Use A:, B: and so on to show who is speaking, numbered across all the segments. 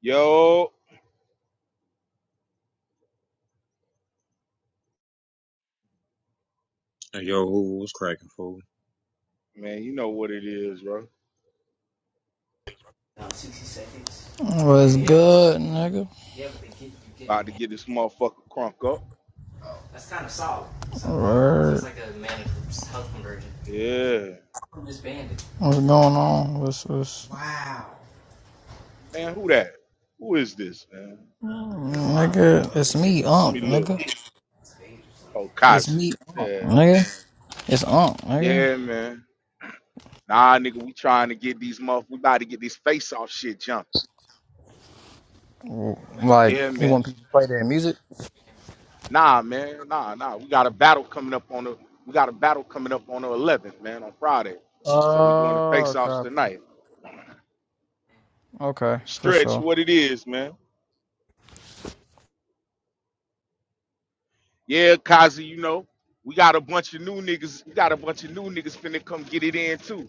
A: Yo,
B: Hey, Yo, who was cracking fool?
A: man, you know what it is, bro. About to get this motherfucker crunk up.
C: Word.
A: Yeah.
C: What's going on? What's what's
A: Man, who that? Who is this, man?
C: nigga? It's me,
A: Let
C: Unk,
A: me look.
C: nigga.
A: Oh,
C: It's
A: Kazi.
C: me, Unk,
A: Yeah.
C: nigga. It's Unk, nigga.
A: Yeah, man. Nah, nigga, we trying to get these motherfuckers. We about to get this face off shit jumping.
C: Like
A: Yeah,
C: you
A: man.
C: want people to play their music?
A: Nah, man. Nah, nah. We got a battle coming up on the we got a battle coming up on the eleventh, man, on Friday. So we doing the
C: Oh,
A: face offs
C: copy.
A: tonight.
C: Okay, for
A: Stretch
C: sure.
A: what it is, man. Yeah, Kazi, you know, we got a bunch of new niggas. We got a bunch of new niggas finna come get it in too.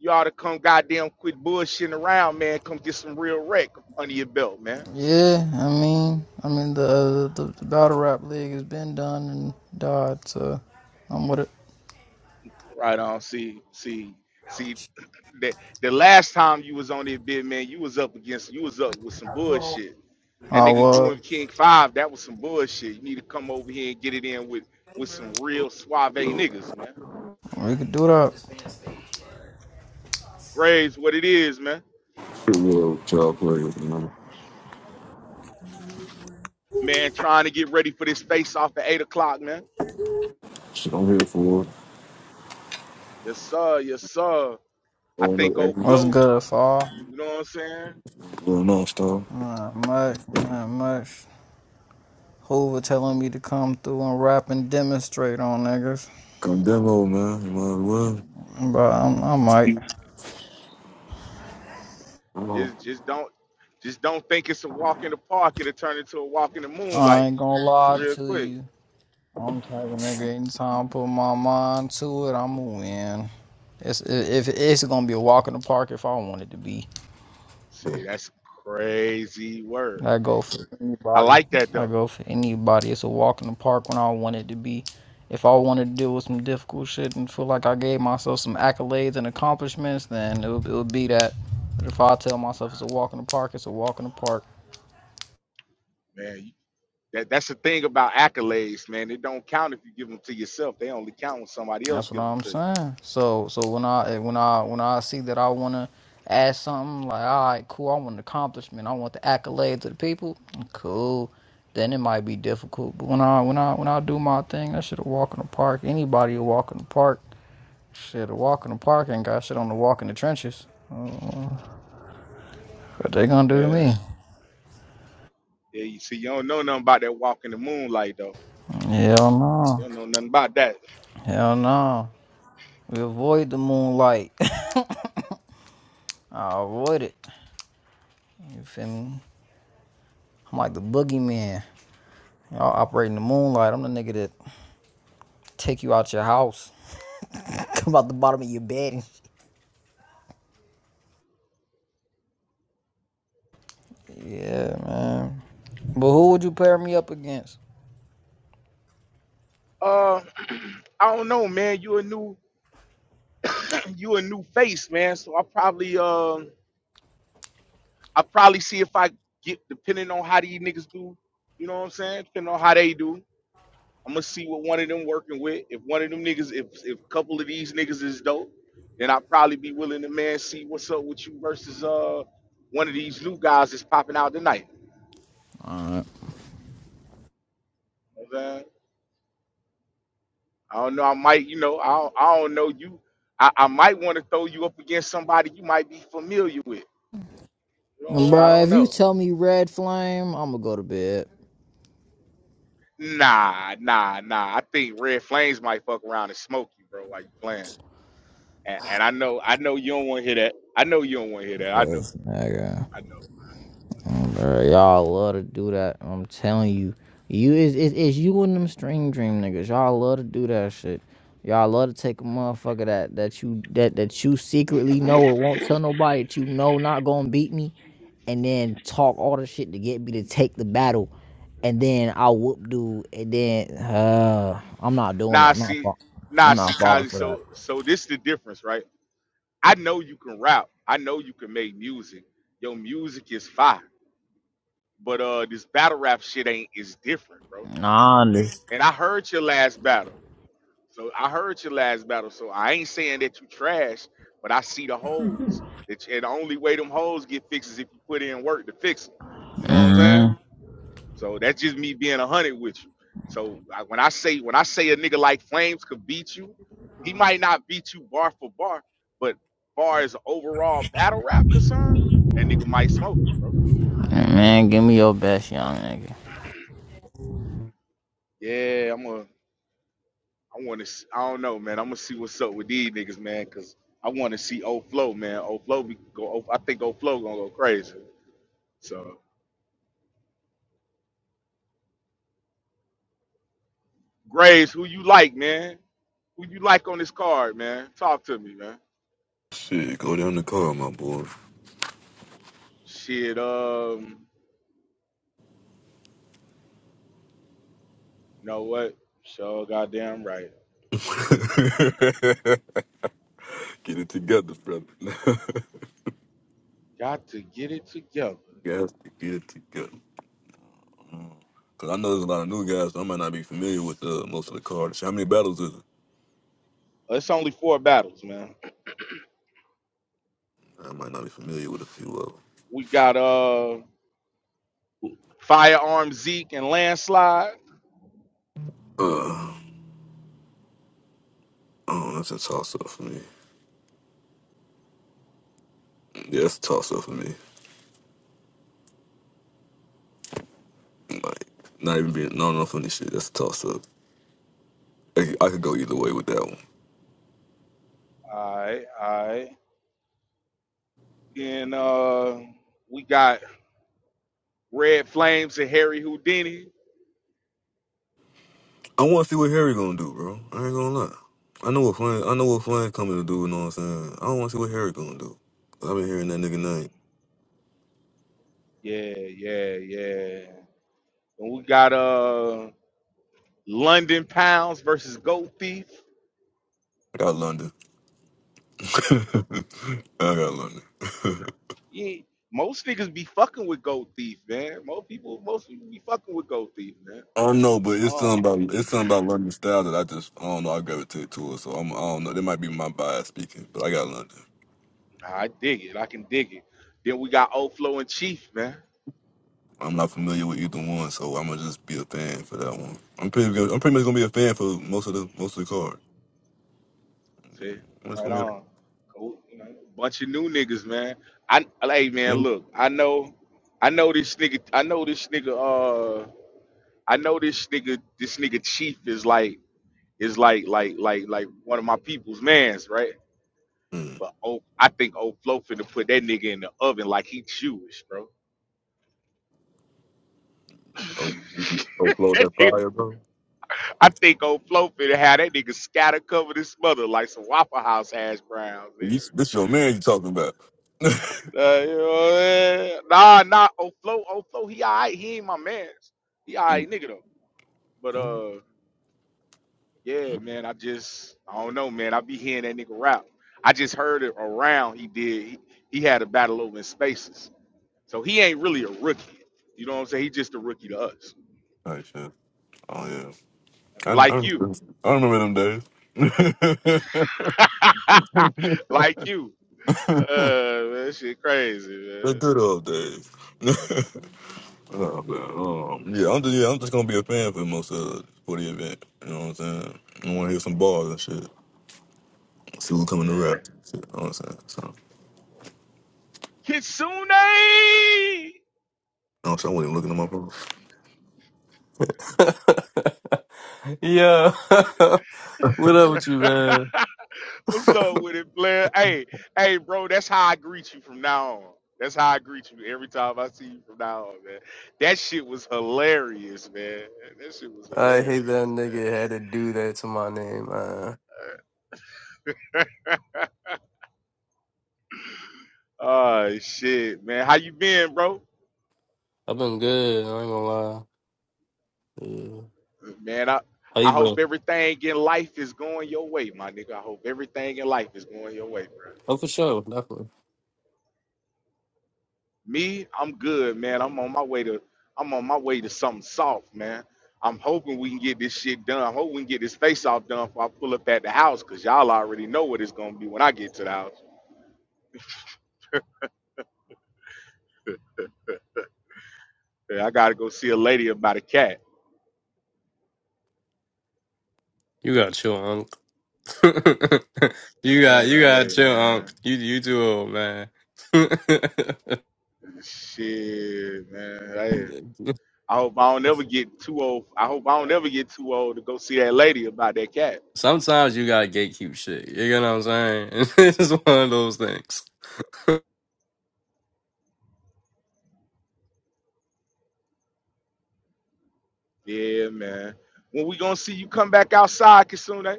A: You ought to come goddamn quit bullshitting around, man. Come get some real wreck under your belt, man.
C: Yeah, I mean, I mean the uh, the, the battle rap league has been done and died, so I'm with it.
A: Right on. See, see, see that the last time you was on that bit, man, you was up against you was up with some bullshit. That
C: I
A: nigga you
C: was.
A: and King Five, that was some bullshit. You need to come over here and get it in with with some real suave niggas, man.
C: We could do that.
A: Graves, what it is, man.
D: real job players, man.
A: Man, trying to get ready for this face off at eight o'clock, man.
D: Shit, I'm here for it.
A: Yes, sir. Yes, sir. I
D: Going up
A: think old
D: every
C: What's
A: Flo,
C: good, fall?
A: you know what I'm saying?
D: little non-stop.
C: Not much, not much. Hoover telling me to come through and rap and demonstrate on niggas.
D: Come demo, man. You might as well.
C: But I'm, I might.
D: Come on.
A: Just just don't just don't think it's a walk in the park. It'll turn into a walk in the
C: I
A: moonlight
C: ain't gonna lie
A: real
C: to
A: quick.
C: you. I'm the type of nigga. Anytime I put my mind to it, I'ma win. It's if it's gonna be a walk in the park if I want it to be.
A: See, that's crazy work.
C: I go for
A: I
C: anybody.
A: like that
C: I
A: though,
C: go for anybody. It's a walk in the park when I want it to be. If I wanted to deal with some difficult shit and feel like I gave myself some accolades and accomplishments, then it would, it would be that. But if I tell myself it's a walk in the park, it's a walk in the park.
A: man. You- That that's the thing about accolades, man. They don't count if you give them to yourself. They only count when somebody else
C: That's what
A: give them
C: I'm
A: to you.
C: saying. So so when I eh, when I when I see that I wanna add something like all right, cool, I want an accomplishment, I want the accolades of the people, cool. Then it might be difficult. But when I when I when I do my thing, that shit a walk in the park. Anybody a walk in the park. Shit, a walk in the park ain't got shit on the walk in the trenches. What they gonna do to
A: Yeah.
C: me?
A: Yeah, you see, you don't know nothing about that walk in the moonlight though.
C: Hell
A: You
C: no.
A: don't know nothing about that.
C: Hell no. We avoid the moonlight. I avoid it. You feel me? I'm like the boogeyman. Y'all operating the moonlight. I'm the nigga that Take you out your house. Come out the bottom of your bed. and shit. Yeah, man. But who would you pair me up against?
A: Uh I don't know, man. You a new you a new face, man. So I probably um I probably see if I get depending on how these niggas do. You know what I'm saying? Depending on how they do, I'm gonna see what one of them working with. If one of them niggas, if if a couple of these niggas is dope, then I'll probably be willing to man see what's up with you versus uh one of these new guys that's popping out tonight.
C: All right.
A: You know what I'm saying? I don't know. I might, you know, I don't, I don't know you. I, I might want to throw you up against somebody you might be familiar with. You know, I
C: Bruh,
A: don't
C: if you
A: know.
C: tell me red flame, I'm gonna go to bed.
A: Nah, nah, nah. I think red flames might fuck around and smoke you, bro, while you playing. And, and I know, I know you don't want to hear that. I know you don't want to hear that. I know,
C: Yes, nigga.
A: I know.
C: Oh, Bruh, y'all love to do that. I'm telling you, you is is is you and them string dream niggas. Y'all love to do that shit. Y'all love to take a motherfucker that that you that that you secretly know or won't tell nobody that you know not gonna beat me, and then talk all the shit to get me to take the battle, and then I whoop dude, and then uh, I'm not doing it.
A: Nah,
C: I'm not
A: see,
C: fall- I'm
A: nah,
C: not
A: see,
C: falling
A: Kylie.
C: for
A: So,
C: that.
A: so this the difference, right? I know you can rap. I know you can make music. Your music is fire. But uh, this battle rap shit ain't is different, bro.
C: Nah, I understand.
A: And I heard your last battle. So I heard your last battle. So I ain't saying that you trash, but I see the holes. It's, and the only way them holes get fixed is if you put in work to fix them. You know what I'm saying?
C: Mhm.
A: So that's just me being a hundred with you. So I, when I say when I say a nigga like Flames could beat you, he might not beat you bar for bar, but far as overall battle rap concern, that nigga might smoke you, bro.
C: Man, give me your best, young nigga.
A: Yeah, I'm a I want to. I don't know, man. I'm gonna see what's up with these niggas, man, because I want to see old Flow, man. Old Flow be go. O- I think old Flow gonna go crazy. So Graves, who you like, man? Who you like on this card, man? Talk to me, man.
D: Shit, go down the car, my boy.
A: Shit, um, you know what? Sure, goddamn right.
D: get it together, brother.
A: Got to get it together.
D: guys, get it together. Cause I know there's a lot of new guys, so I might not be familiar with uh, most of the cards. How many battles is it?
A: Uh, It's only four battles, man.
D: I might not be familiar with a few of them.
A: We got uh, Firearm Zeke and Landslide.
D: Uh, oh, that's a toss up for me. Yeah, that's a toss up for me. Like, not even being, not enough on this shit. That's a toss up. I I could go either way with that one.
A: All right, all right. Then uh, we got Red Flames and Harry Houdini.
D: I want to see what Harry gonna do, bro. I ain't gonna lie. I know what Flynn. I know what Flynn coming to do. You know what I'm saying? I don't want to see what Harry gonna do. i have been hearing that nigga name.
A: Yeah, yeah, yeah. And we got uh London Pounds versus Gold Thief.
D: I got London. I got London.
A: Yeah, most niggas be fucking with Gold Thief, man. Most people, most people be fucking with Gold Thief, man.
D: I don't know, but it's
A: Oh,
D: something about it's something about London style that I just I don't know. I gravitate to it, so I'm, I don't know. That might be my bias speaking, but I got London.
A: I dig it. I can dig it. Then we got Oflo and Chief, man.
D: I'm not familiar with either one, so I'm gonna just be a fan for that one. I'm pretty. good- I'm pretty much gonna be a fan for most of the most of the card.
A: See,
D: I'm just
A: right
D: gonna be a
A: on. Cool. You know, bunch of new niggas, man. I hey, man.
D: yeah.
A: Look, I know, I know this nigga. I know this nigga. Uh. I know this nigga, this nigga Chief is like, is like, like, like, like one of my people's mans, right?
D: Hmm.
A: But oh, I think old Flo finna put that nigga in the oven like he Jewish, bro.
D: Don't, don't blow
A: That
D: that
A: nigga,
D: fire, bro.
A: I
D: This,
A: think old Flo finna have that nigga scatter covered his mother like some Waffle House hash browns,
D: this,
A: nigga.
D: this your man you talking about.
A: Nah, you know what I mean? nah, nah, old Flo, old Flo, he alright, he ain't my man's. He
D: Mm,
A: alright nigga though. But
D: mm.
A: uh. Yeah, man. I just I don't know, man. I be hearing that nigga rap. I just heard it around. He did. He, he had a battle over in spaces. So he ain't really a rookie. You know what I'm saying? He just a rookie to us,
D: All right, shit. Oh, yeah. I, I,
A: like you,
D: remember- I remember them days.
A: like you. Uh, man, that shit crazy,
D: the good old days. oh, man. Um, yeah, I'm just, yeah, I'm just going to be a fan for most of for the event. You know what I'm saying? I want to hear some bars and shit. See who coming to
A: man.
D: rap. Shit, you know what I'm saying? So,
A: Yeah. Kitsune.
D: no, so I wasn't even looking at my phone.
E: Yo, what up with you, man?
A: What's up with it, Blair? Hey, hey, bro, that's how I greet you from now on. That's how I greet you every time I see you from now on, man. That shit was hilarious, man. That shit was
E: I hate that
A: hilarious,
E: nigga had to do that to my name. Man.
A: man. oh shit, man. How you been, bro?
E: I've been good. I ain't gonna lie. Yeah.
A: Man, I
E: How
A: I
E: you
A: hope
E: been?
A: everything in life is going your way, my nigga. I hope everything in life is going your way, bro.
E: Oh, for sure, definitely.
A: Me, I'm good, man. I'm on my way to I'm on my way to something soft, man. I'm hoping we can get this shit done. I hope we can get this face off done before I pull up at the house, cause y'all already know what it's gonna be when I get to the house. Yeah, I gotta go see a lady about a cat.
E: You got chill, Unc. you got
A: Man,
E: you got
A: hey
E: chill, Unc.
A: man.
E: You you too old, man.
A: Shit, man. Hey. I hope I don't ever get too old. I hope I don't ever get too old to go see that lady about that cat.
E: Sometimes you gotta gatekeep shit. You know what I'm saying? it's one of those things.
A: Yeah, man. When we gonna see you come back outside, Kasune?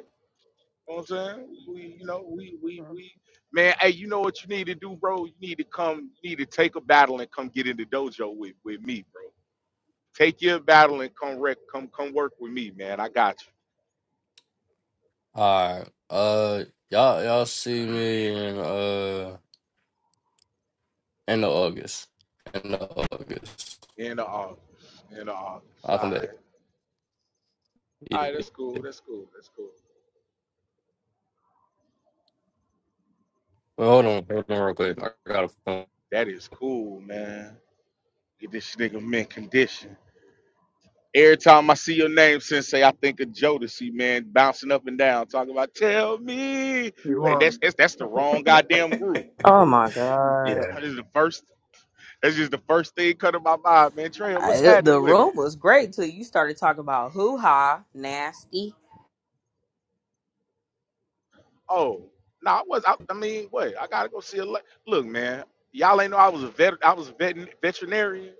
A: You know what I'm saying? We, you know, we, we, we, man, hey, you know what you need to do, bro? You need to come, you need to take a battle and come get in the dojo with, with me, bro. Take your battle and come wreck, come, come work with me, man. I got
E: All right. Uh, y'all y'all see me in uh end of August. End of August.
A: you. In the office, in the office.
E: I'll
A: All
E: come
A: right.
E: back.
A: All
E: Yeah.
A: right, that's cool. That's cool. That's cool.
E: Well, hold on, hold on, real quick. I got a phone.
A: That is cool, man. Get this nigga mint condition. Every time I see your name, Sensei, I think of Jodeci, man, bouncing up and down, talking about "Tell me."
F: You
A: Wait, that's
F: want
A: that's, that's the wrong goddamn group.
G: Oh my god.
F: Yeah,
A: That is the first That's just the first thing cut in my mind, man. Trey,
G: I,
A: what's
G: it-
A: happening
G: the
A: with
G: room
A: it?
G: was great till you started talking about hoo ha, nasty.
A: Oh, no, I was. I, I mean, wait, I gotta go see a. Le- Look, man, y'all ain't know I was a vet. I was a vet- veterinarian.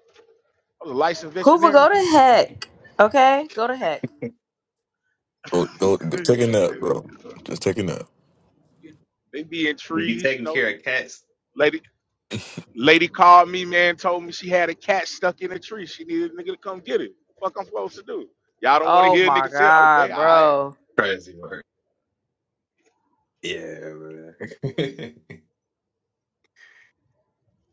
A: I was a licensed
G: Hoover, go
A: veterinarian.
G: to heck. Okay? Go to heck.
D: Go, go, go, take a nap, bro. Just take a nap.
A: they be in
F: you be
A: trees, you
F: taking
A: know.
F: care of cats.
A: Lady, lady called me, man, told me she had a cat stuck in a tree. She needed a nigga to come get it. Fuck, I'm supposed to do. Y'all don't want to
G: Oh
A: hear
G: my
A: niggas tell. Okay,
G: god,
A: all right.
G: bro.
F: Crazy work. Yeah, man.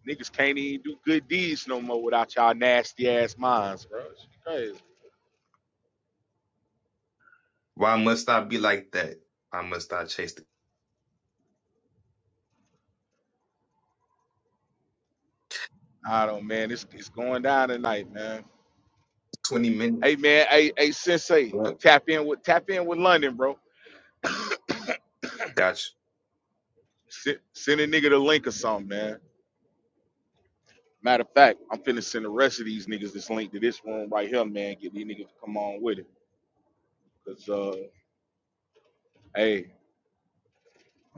A: Niggas can't even do good deeds no more without y'all nasty ass minds, bro. She crazy.
F: Why must I be like that? Why must I chase the
A: I don't, man. It's it's going down tonight, man.
F: 20
A: Hey,
F: minutes?
A: man. Hey, hey, Sensei.
F: What?
A: Tap in with tap in with London, bro.
F: Gotcha.
A: Send, send a nigga the link or something, man. Matter of fact, I'm finna send the rest of these niggas this link to this room right here, man. Get these niggas to come on with it. Cause uh, hey,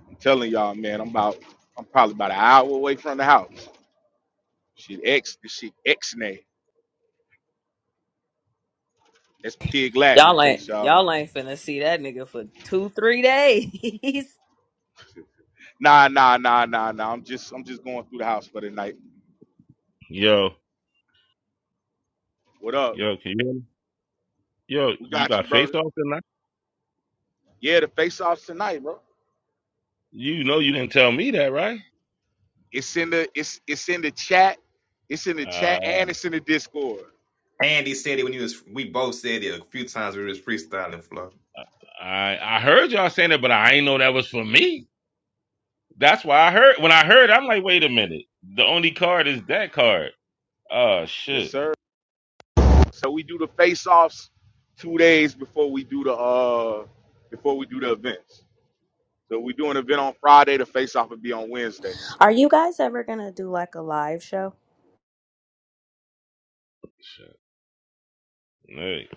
A: I'm telling y'all, man. I'm about I'm probably about an hour away from the house. Shit, X this shit X nay. That's pig Latin in
G: Y'all
A: case
G: ain't
A: y'all don't.
G: y'all ain't finna see that nigga for two, three days.
A: Nah, nah, nah, nah, nah. I'm just I'm just going through the house for the night.
H: Yo,
A: What up?
H: yo, can you hear me? Yo,
A: We
H: you
A: got
H: got
A: you,
H: face
A: brother.
H: off tonight?
A: Yeah, the face offs tonight, bro.
H: You know you didn't tell me that, right?
A: It's in the it's it's in the chat. It's in the chat
H: Uh,
A: and it's in the Discord.
F: Andy said it when he was, we both said it a few times we was freestyling, Flo.
H: I I heard y'all saying it, but I ain't know that was for me. That's why I heard when I heard, I'm like, wait a minute. The only card is that card. Oh
A: Yes,
H: shit.
A: sir. So we do the face offs two days before we do the uh before we do the events. So we do an event on Friday, the face off will be on Wednesday.
G: Are you guys ever gonna do like a live show?
H: Shit. Hey.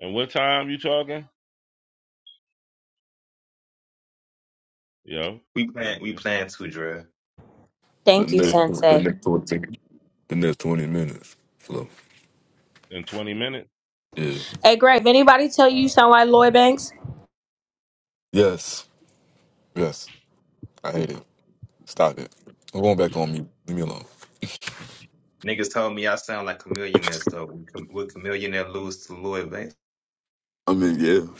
H: And what time you talking? Yo,
F: We
H: yo,
F: plan, we
H: yo.
F: plan to, Dre.
D: The
G: Thank you,
D: next,
H: Uh,
D: the
G: Sensei.
D: next twenty, the next twenty minutes. So
H: in 20 minutes?
D: yeah.
G: Hey Grave, anybody tell you you
H: Uh,
G: sound like Lloyd Banks?
D: Yes. Yes. I hate it. Stop it. I'm going back on mute. Leave me alone.
F: Niggas told me I sound like a millionaire, so we com- would a millionaire lose to Lloyd Banks?
D: I mean, yeah. What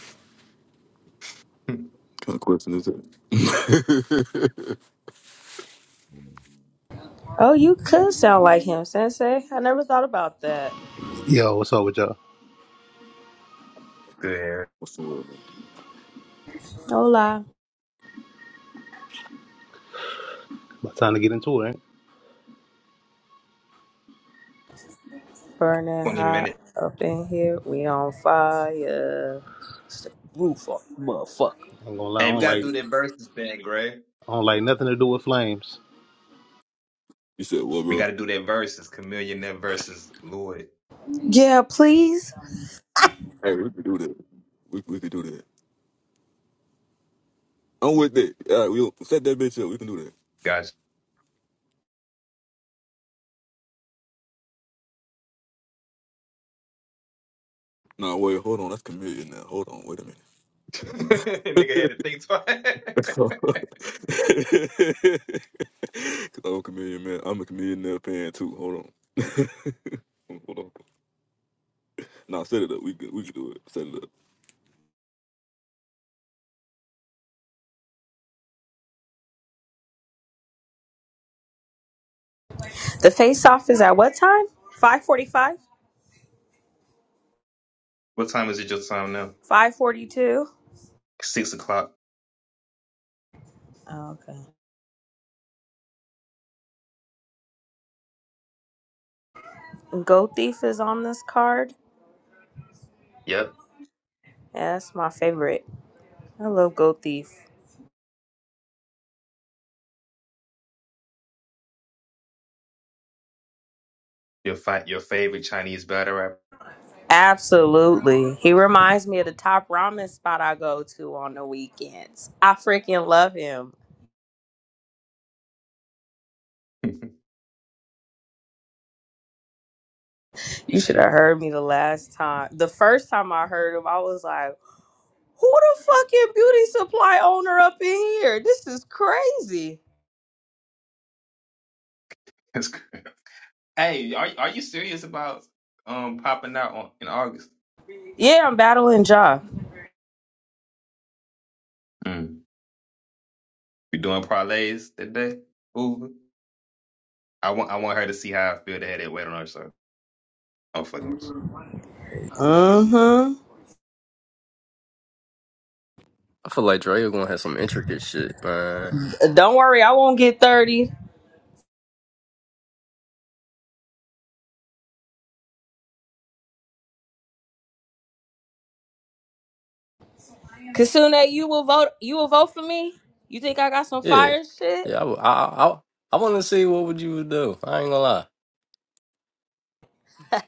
F: Good,
D: kind of question is that?
G: Oh, you could sound like him, Sensei. I never thought about that.
I: Yo, what's up with y'all?
F: Eric.
D: What's the word? Man?
G: Hola.
I: About time to get into it. Ain't,
G: Burning
F: 20
G: hot
F: minutes.
G: up in here. We on fire. It's the roof off, motherfucker.
I: it? ain't gonna lie, I
F: Hey, we
I: don't
F: gotta
I: like
F: do that versus thing, Gray.
I: I don't like nothing to do with flames.
D: You said, "Well,
F: We
D: bro,
F: gotta do that versus Chameleon versus Lloyd.
G: Yeah, please.
D: hey, we can do that. We we can do that. I'm with that. All right, we'll set that bitch up. We can do that."
F: Gotcha.
D: Nah, wait, hold on. That's chameleon now. Hold on. Wait a minute.
F: Nigga had to think twice.
D: Cause I'm a chameleon man. I'm a chameleon now fan too. Hold on. Hold on. No, set it up. We could, we could do it. Set it up.
G: The face off is at what time? 545?
F: what time is it your time now?
G: 542?
F: Six o'clock.
G: Okay. Goat Thief is on this card.
F: Yep.
G: Yeah, that's my favorite. I love Goat Thief.
F: Your fight your favorite Chinese battle rapper.
G: Absolutely. He reminds me of the top ramen spot I go to on the weekends. I freaking love him. You should have heard me the last time. The first time I heard him, I was like, Who the fucking beauty supply owner up in here? This is crazy.
F: That's good. Hey, are are you serious about um popping out on in August?
G: Yeah, I'm battling Ja.
F: Mm. You doing parlays that day? Ooh. I want I want her to see how I feel to have that weight on her so I'm fucking with you.
G: Mm-hmm.
E: I feel like Dre is gonna have some intricate shit, man.
G: Don't worry, I won't get 30. Kasune, you will vote you will vote for me? You think I got some
E: Yeah,
G: fire shit?
E: yeah. I, w- I, I, I want to see what would you would do. I ain't gonna lie.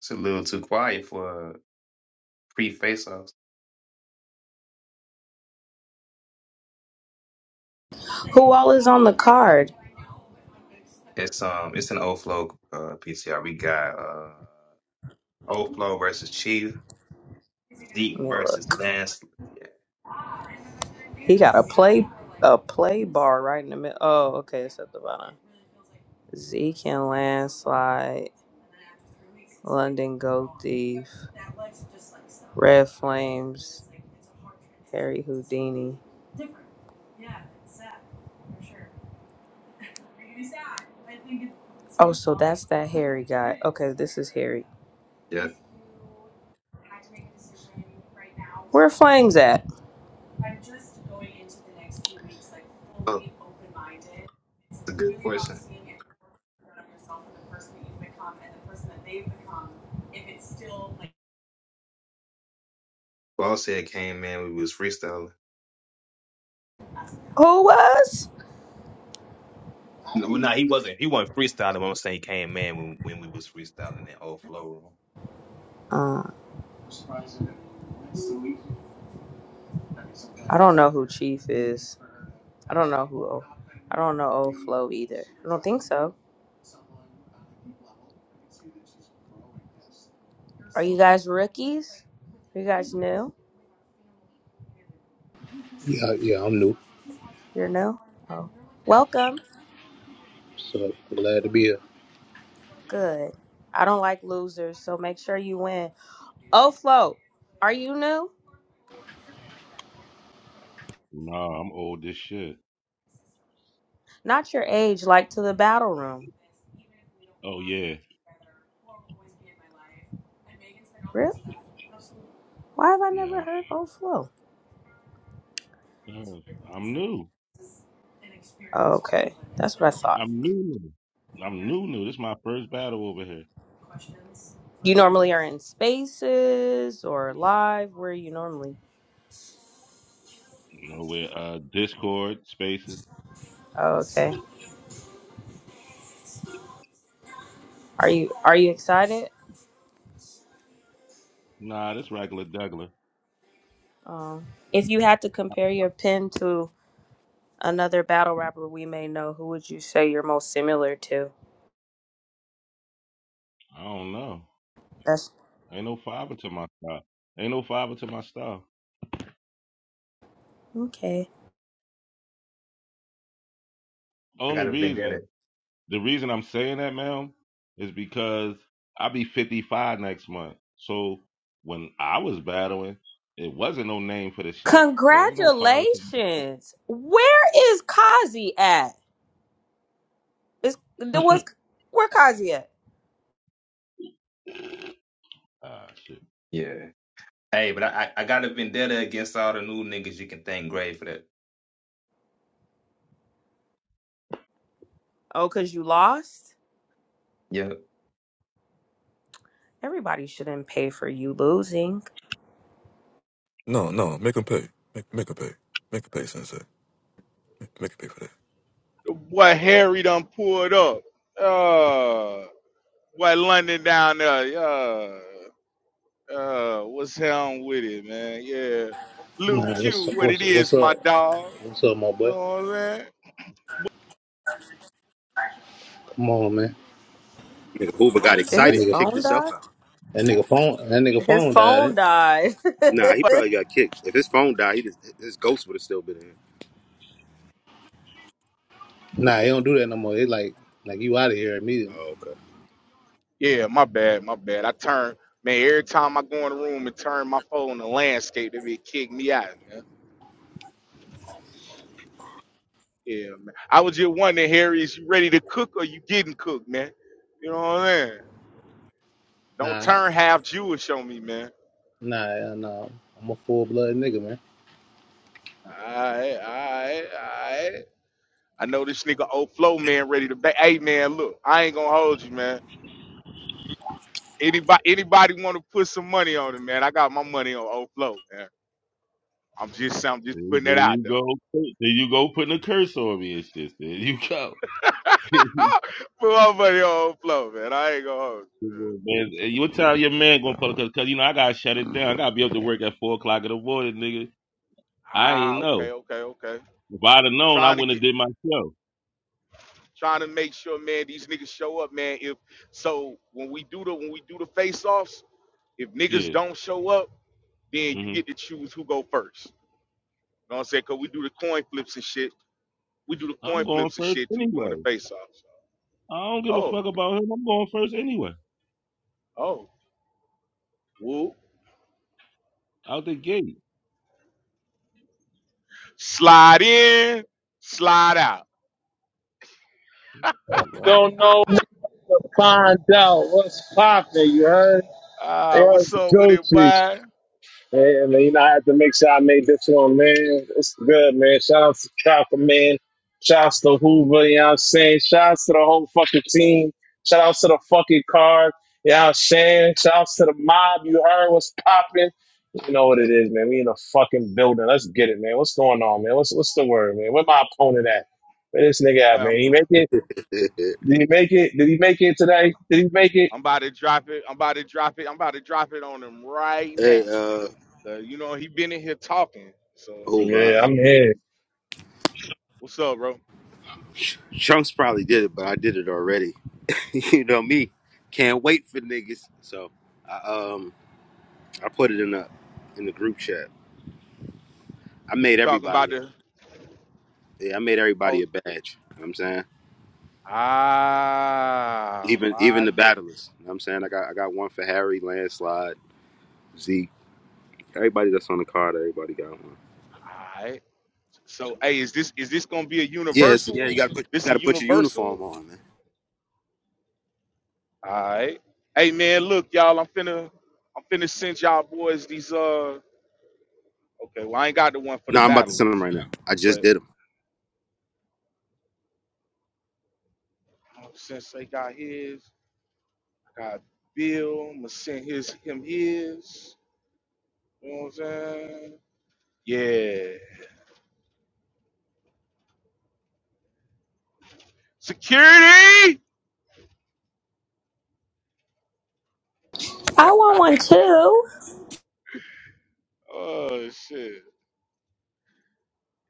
F: It's a little too quiet for uh, pre face offs.
G: Who all is on the card?
F: It's um it's an old flow uh PCR. We got uh old flow versus Chief,
G: Let
F: Zeke
G: me
F: versus
G: look.
F: Lance. Yeah.
G: He got a play a play bar right in the middle. Oh, okay, it's at the bottom. Zeke and landslide. London Gold Thief, Red Flames, Harry Houdini. Oh, so that's that Harry guy. Okay, this is Harry.
F: yeah,
G: Where Flames at?
F: Oh, that's a good question. Boss said came man when we was freestyling.
G: Who was?
F: No, well, nah, he wasn't. He wasn't freestyling. but I'm saying he came man when, when we was freestyling that old flow room.
G: Uh, I don't know who Chief is. I don't know who. O- I don't know old Flo either. I don't think so. Are you guys rookies? Are you guys new?
I: Yeah, yeah, I'm new,
G: You're new. Oh, welcome.
I: so glad to be here.
G: Good. I don't like losers, so make sure you win. Oh, Flo, are you new?
H: nah, I'm old as shit.
G: Not your age, like to the battle room.
H: Oh yeah,
G: Really? Why have I never
H: yeah.
G: heard Oh, Flo?
H: Uh, I'm new.
G: Okay, that's what I thought.
H: I'm new. new. I'm new. New. This is my first battle over here.
G: You normally are in spaces or live. Where are you normally?
H: You know, with uh, Discord spaces.
G: Oh, okay. Are you are you excited?
H: Nah, this regular Douglas.
G: Um, if you had to compare your pin to another battle rapper we may know, who would you say you're most similar to?
H: I don't know.
G: That's
H: Ain't no fiber to my stuff. Ain't no fiber to my stuff.
G: okay.
F: I
H: Only
F: got a vendetta.
H: reason, the reason I'm saying that, ma'am, is because I be 55 next month. So when I was battling, it wasn't no name for the shit. So ain't no fiber to my
G: Congratulations. Where is Kazi at? Is there was where Kazi at?
H: ah shit.
F: Yeah. Hey, but I, I I got a vendetta against all the new niggas you can thank Gray for that.
G: Oh, cause you lost?
F: Yeah.
G: Everybody shouldn't pay for you losing.
D: No, no, make them pay. Make make them pay. Make them pay, Sensei. Make, make them pay for that.
A: The boy Harry done pulled up. Uh boy London down there, yeah. Uh what's hell with it, man? Yeah. Luke
I: Nah, what's
A: Q,
I: up?
A: what it
I: What's up? What's
A: is,
I: up,
A: my dog.
I: what's up my
A: You
I: boy?
A: know what I'm saying?
I: Come on, man.
J: Nigga, Hoover got
I: Nah,
G: Did
I: that
G: his
J: excited and
I: nigga,
J: kicked
G: phone die?
J: himself out.
I: that nigga phone, that nigga
G: His
I: phone died.
G: phone
I: Ain't? it?
G: died.
J: Nah, he probably got kicked. If his phone died, he just, his ghost would have still been in.
I: Nah, he don't do that no more. It's like like you out of here immediately.
J: Oh,
A: Yeah, my bad, my bad. I turn man every time I go in the room and turn my phone to landscape, they be kick me out, man. Yeah, man. I was just wondering, Harry, is you ready to cook or you getting cooked, man? You know what I'm saying? Don't
I: Nah, I-
A: turn half Jewish on me, man.
I: nah, nah. I'm a full blood nigga, man.
A: Alright, alright, alright. I know this nigga old flow man ready to back. Hey man, look, I ain't gonna hold you, man. Anybody anybody wanna put some money on it, man? I got my money on old flow, man. I'm just I'm just
H: There
A: putting that
H: there
A: out
H: you
A: there.
H: go. There you go putting a curse on me and shit. There you go.
A: Put my money on flow, man. I ain't gonna hold you.
H: Man, you what time your man gonna pull up? Cause, 'cause, you know I gotta shut it down. I gotta be up to work at four o'clock at the morning, nigga. I ain't
A: Ah,
H: know.
A: okay, okay, okay.
H: If I'd have known, I
A: Trying to
H: wouldn't have
A: get
H: did my show.
A: trying to make sure, man, these niggas show up, man. If so when we do the when we do the face offs, if niggas
H: Yeah.
A: don't show up, then you
H: hmm
A: get to choose who go first. You know what I'm saying? Cause we do the coin flips and shit. We do the
H: I'm
A: coin
H: going
A: flips and
H: first
A: shit too during the
H: anyway.
A: face offs.
H: I don't give a
A: Oh,
H: fuck about him. I'm going first anyway.
A: oh, woo.
H: Out the gate.
A: Slide in, slide out.
H: Oh, wow.
K: Don't know what to find out what's popping. You heard?
A: Ah, what's
K: What's
A: up with it,
K: Gucci?
A: boy?
K: Man, man, you know, I had to make sure I made this one, man. It's good, man. Shout out to Chopper, man. Shout out to Hoover, you know what I'm saying? Shout out to the whole fucking team. Shout out to the fucking card. You know what I'm saying? Shout out to the mob. You heard what's popping. You know what it is, man. We in a fucking building. Let's get it, man. What's going on, man? What's what's the word, man? Where my opponent at? Where this nigga
A: Boy,
K: at,
A: I'm
K: man? He making
J: okay.
K: did he make it? Did he make it today? Did he make it?
A: I'm about to drop it. I'm about to drop it. I'm about to drop it on him right
J: hey,
A: now.
J: uh,
A: 'Cause, you know he been in here talking. So
J: Hoover,
K: Yeah,
J: uh,
K: I'm here.
A: what's up, bro? You
J: Chunks probably did it, but I did it already. you know me, can't wait for niggas. So, I, um, I put it in the in the group chat. I made
A: talking about
J: everybody.
A: the
J: A, yeah, I made everybody
A: oh
J: a badge. You know what I'm saying,
A: ah
J: even
A: my
J: even the
A: nigga.
J: battlers. You know what I'm saying, I got I got one for Harry, landslide, Zeke. Everybody that's on the card, everybody got one.
A: All right. So hey, is this is this gonna be a
J: Yes,
A: universal
J: yeah, you
A: one?
J: gotta put you
A: This a
J: gotta put your uniform
A: universal?
J: on, man.
A: All right. Hey man, look y'all. I'm finna I'm finna send y'all boys these uh. Okay, well I ain't got the one for the
J: No, I'm about to send them
A: battlers,
J: right now. I just
A: but
J: did them.
A: since they got his. God Bill, I'ma send his him his. You know what I'm saying? Yeah. Security.
G: I want one too.
A: Oh shit.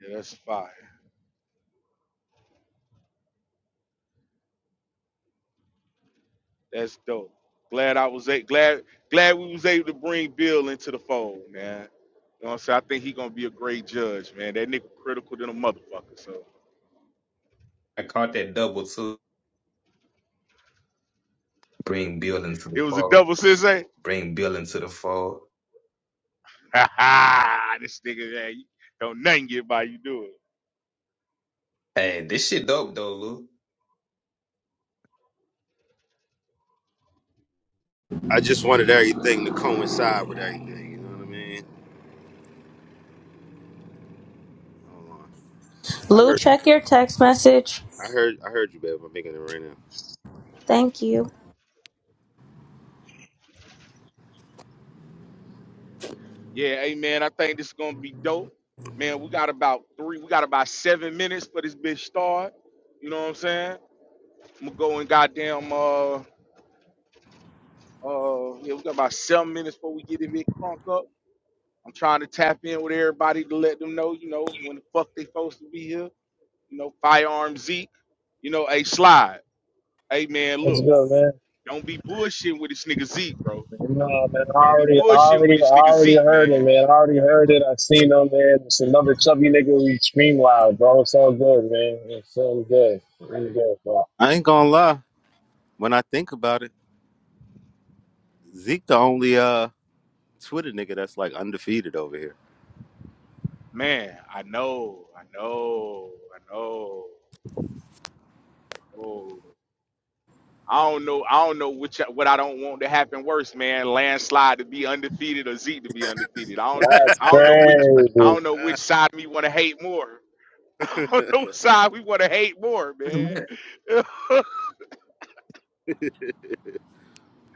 A: Yeah, that's fire. That's dope. Glad I was a- glad glad we was able to bring Bill into the fold, man. You know what I'm saying? I think he gonna be a great judge, man. That nigga critical than a motherfucker. So
F: I caught that double too. Bring Bill into
A: it
F: the
A: was a
F: fold.
A: double sensei.
F: Bring Bill into the fold.
A: Ha ha! This nigga, man, you don't nothing get by you do it.
F: Hey, this shit dope though, Lou.
J: I just wanted everything to coincide with everything. You know what I mean? Hold on. I
G: Lou,
J: heard, you.
G: check your text message.
J: I heard, I heard you, babe. I'm making it right now.
G: Thank you.
A: Yeah, hey man, I think this is gonna be dope. Man, we got about three, we got about seven minutes for this bitch start. You know what I'm saying? I'm gonna go and goddamn uh uh yeah, we got about seven minutes before we get it bit crunk up. I'm trying to tap in with everybody to let them know, you know, when the fuck they supposed to be here. You know, firearm Zeke, you know, hey slide. Hey man,
K: Let's
A: look,
K: go, man.
A: don't be bullshitting with this nigga Zeke, bro.
K: Nah, man, I
A: Don't be
K: already, I
A: bullshitting with
K: already, I
A: this nigga
K: already
A: Zeke,
K: heard it,
A: man.
K: man. I already heard it. I seen him, man. It's another chubby nigga we scream loud, bro. It's all good, man. It's all good. It's good, bro.
J: I ain't gonna lie. When I think about it, Zeke the only uh Twitter nigga that's like undefeated over here.
A: Man, I know, I know, I know. Oh. I don't know. I don't know which what I don't want to happen worse, man. Landslide to be undefeated or Zeke to be undefeated. I don't.
K: That's
A: I don't know which.
K: crazy.
A: I don't know which side we want to hate more. I don't know which side we want to hate more, man.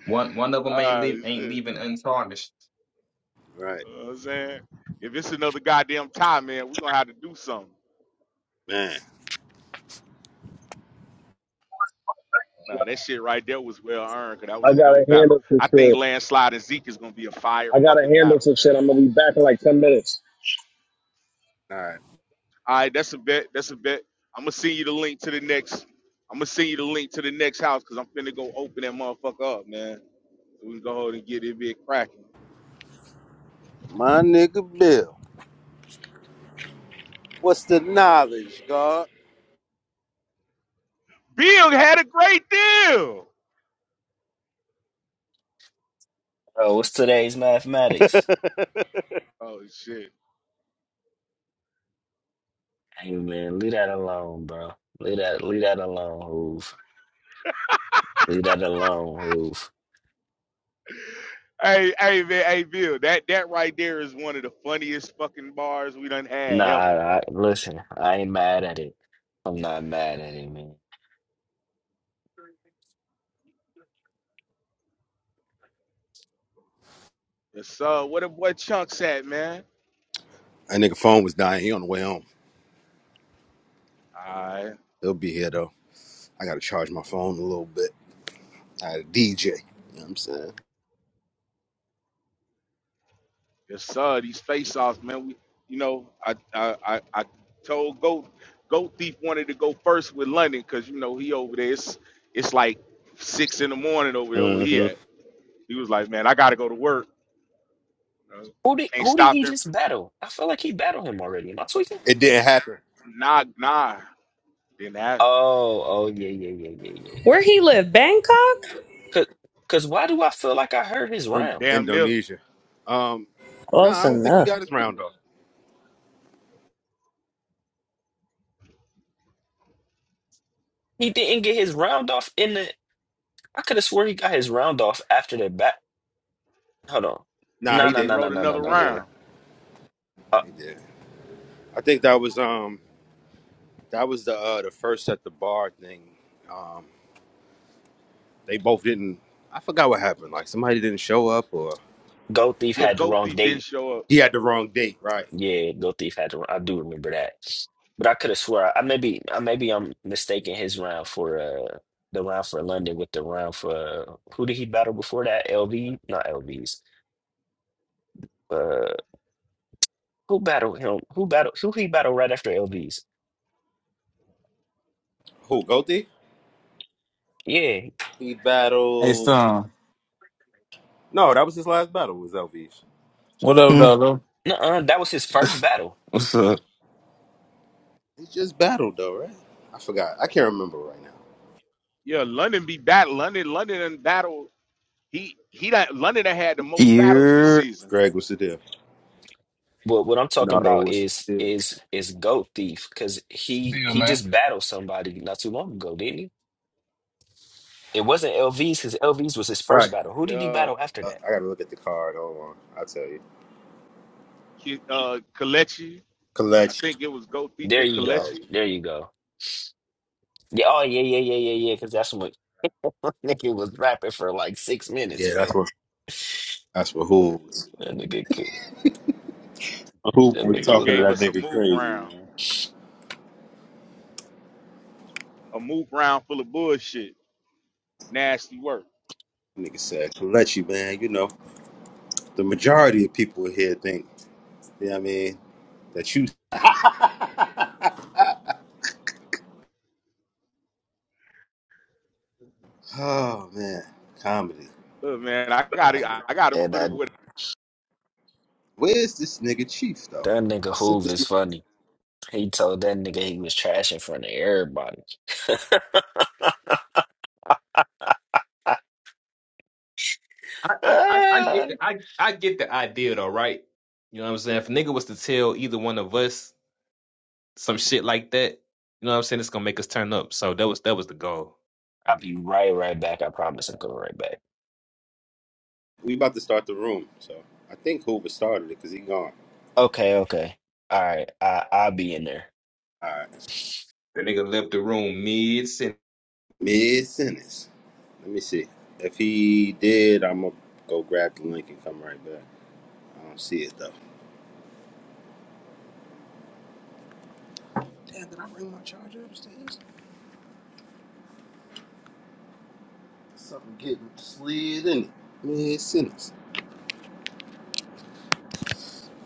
F: One one of them ain't
A: Ah,
F: leave
A: shit.
F: ain't
A: You
F: leaving untarnished.
J: right,
A: know what I'm saying? If it's another goddamn tie, man, we're gonna have to do something.
J: man.
A: Nah, that shit right there was well earned, cause that was
K: I
A: a
K: got to
A: dope battle.
K: handle some
A: I think
K: shit.
A: Landslide and Zeke is gonna be a fire
K: I got to
A: fucking
K: handle
A: battle,
K: some shit.
A: man.
K: I'm gonna be back in like ten minutes.
J: All right,
A: All right, that's a bet. That's a bet. I'm gonna send you the link to the next. I'm gonna send you the link to the next house because I'm finna go open that motherfucker up, man. So we can go ahead and get it big cracking.
J: my nigga Bill. What's the knowledge, God?
A: Bill had a great deal.
L: Bro, what's today's mathematics?
J: That
A: Oh shit.
L: Hey man, leave that alone, bro. Leave that, leave that alone, hoove. Leave that alone, hoove.
A: Hey, hey, man, hey, Bill. That that right there is one of the funniest fucking bars we done
L: Nah,
A: had ever,
L: I, I-
A: bro.
L: listen, I ain't mad at it. I'm not mad at it, man.
A: Yes, sir. Where the boy Chunks at, man?
J: nigga phone was dying. He on the way home.
A: All right.
J: He'll be here though. I gotta charge my phone a little bit. I DJ. You know what I'm saying?
A: Yes, sir. These face offs, man. We, you know, I, I, I, I told Goat, Goat Thief wanted to go first with London because you know he over there. It's, it's like six in the morning over there where he
J: hmm
A: at. He was like, man, I gotta go to work. You know,
L: Who did,
A: can't
L: who did he
A: stop him
L: just
A: from
L: battle? I feel like he battled him already. Am I tweaking?
J: It didn't happen
A: nah, nah. Then that
L: Oh, oh yeah, yeah, yeah, yeah, yeah.
G: Where he live? Bangkok?
L: Cause, cause why do I feel like I heard his
J: in
L: round?
A: damn near
J: Indonesia. Um, no, I
G: Close
J: don't think he
G: enough.
J: got his round off.
L: He didn't get his round off in the. I could have swore he got his round off after the bat. Hold on.
J: Nah,
L: No,
J: he
L: no,
A: he
J: did.
L: no, no,
A: wrote
L: no, no,
A: another
J: He
L: no,
J: did.
L: no,
A: round.
L: no.
J: He did. I think that was um that was the uh the first at the bar thing. Um, they both didn't. I forgot what happened. Like somebody didn't show up or
L: Go Thief
A: Yeah,
L: had the
A: Goat
L: wrong
A: Thief didn't
L: date.
A: show up.
J: he had the wrong date. Right?
L: Yeah, Go Thief had the wrong, I do remember that. But I could have swore I maybe I maybe I'm mistaking his round for uh the round for London with the round for uh, who did he battle before that? LV? Not LVs. Uh who battled him? Who battled who he battled right after LVs?
J: Who? Gothi?
L: Yeah.
J: He
M: Hey,
J: battled.
M: son.
J: No, that was his last battle. Was LV's.
M: What up,
N: Hmm,
M: dog?
L: Nuh-uh, that was his first battle.
N: what's up?
J: He just battled though, right? I forgot. I can't remember right now.
A: Yeah, London be battle. London, London and battle. He, he, done- London done had the most battles this
O: ear
A: season.
J: Greg, what's the deal?
L: But what I'm talking
J: Naruto
L: about
J: was
L: is
J: still.
L: is is Goat Thief because
P: What's the
L: he
P: deal,
L: he
P: man?
L: just battled somebody not too long ago, didn't he? It wasn't LVs because LVs was his first
J: Right.
L: battle. Who did he
A: Yeah,
L: battle after
J: Uh,
L: that?
J: I gotta look at the card. Hold on. I'll tell you.
A: Ki- uh, Kalechi. I
J: Collection.
A: think it was Goat Thief
L: There
A: and
L: you go.
J: Collection.
A: Kalechi.
L: There you go. Yeah. Oh yeah, yeah, yeah, yeah, yeah. Because that's what nigga was rapping for like six minutes,
J: Yeah,
L: bro.
J: that's what that's what who was.
L: That nigga, could-
J: Who
L: that
J: was
L: nigga
A: Nigga
L: was
J: talking to
A: gave
L: rapping.
J: that
A: us a
J: nigga
A: move
J: crazy,
A: round,
J: man.
A: a move round full of bullshit, nasty work.
J: Nigga said, Kalechi, man, you know, the majority of people here think, you know what I mean, that you Oh man. Comedy.
A: Look, man, I
J: Comedy.
A: gotta, I gotta
L: And
A: put it
L: that
A: where
J: Where's this nigga Chief though?
L: that nigga
J: I sent
L: Hoove
J: this
L: is
J: nigga.
L: funny. He told that nigga he was trash in front of everybody.
F: I, I, I I get the I, I get the idea though, right? You know what I'm saying? If a nigga was to tell either one of us some shit like that, you know what I'm saying, it's gonna make us turn up. So that was that was the goal. I
L: I'll
F: get
L: be
F: it.
L: right, right back. I promise. I'm coming right back.
J: We about to start the room, so I think Hoover started it because he gone.
L: Okay, okay. All right. I I'll be in there.
J: All right.
F: The nigga left the room mid sentence.
J: Mid sentence. Let me see. If he did, I'm gonna go grab the link and come right back. I don't see it though. Damn, did I bring my charger upstairs? Something getting slid in it. Mid sentence.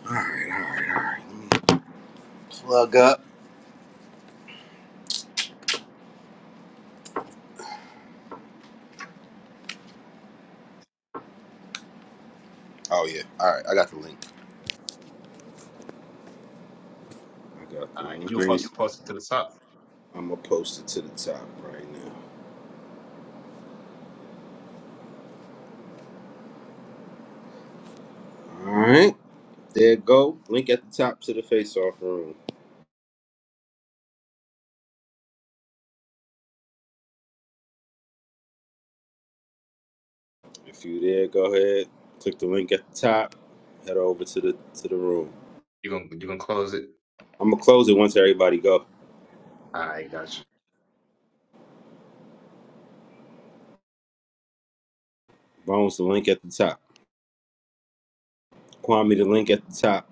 J: All right, all right, all right. Let me plug up. Oh yeah. All right, I got the link. I got
F: all right,
J: the
F: you
J: link.
F: post post it to the top.
J: I'm gonna post it to the top right now. All right. There it go. Link at the top to the face off room. If you there, go ahead. Click the link at the top. Head over to the to the room.
F: You gonna you gonna close it?
J: I'm gonna close it once everybody go.
F: I got you.
J: Bones the link at the top. Kwame the link at the top.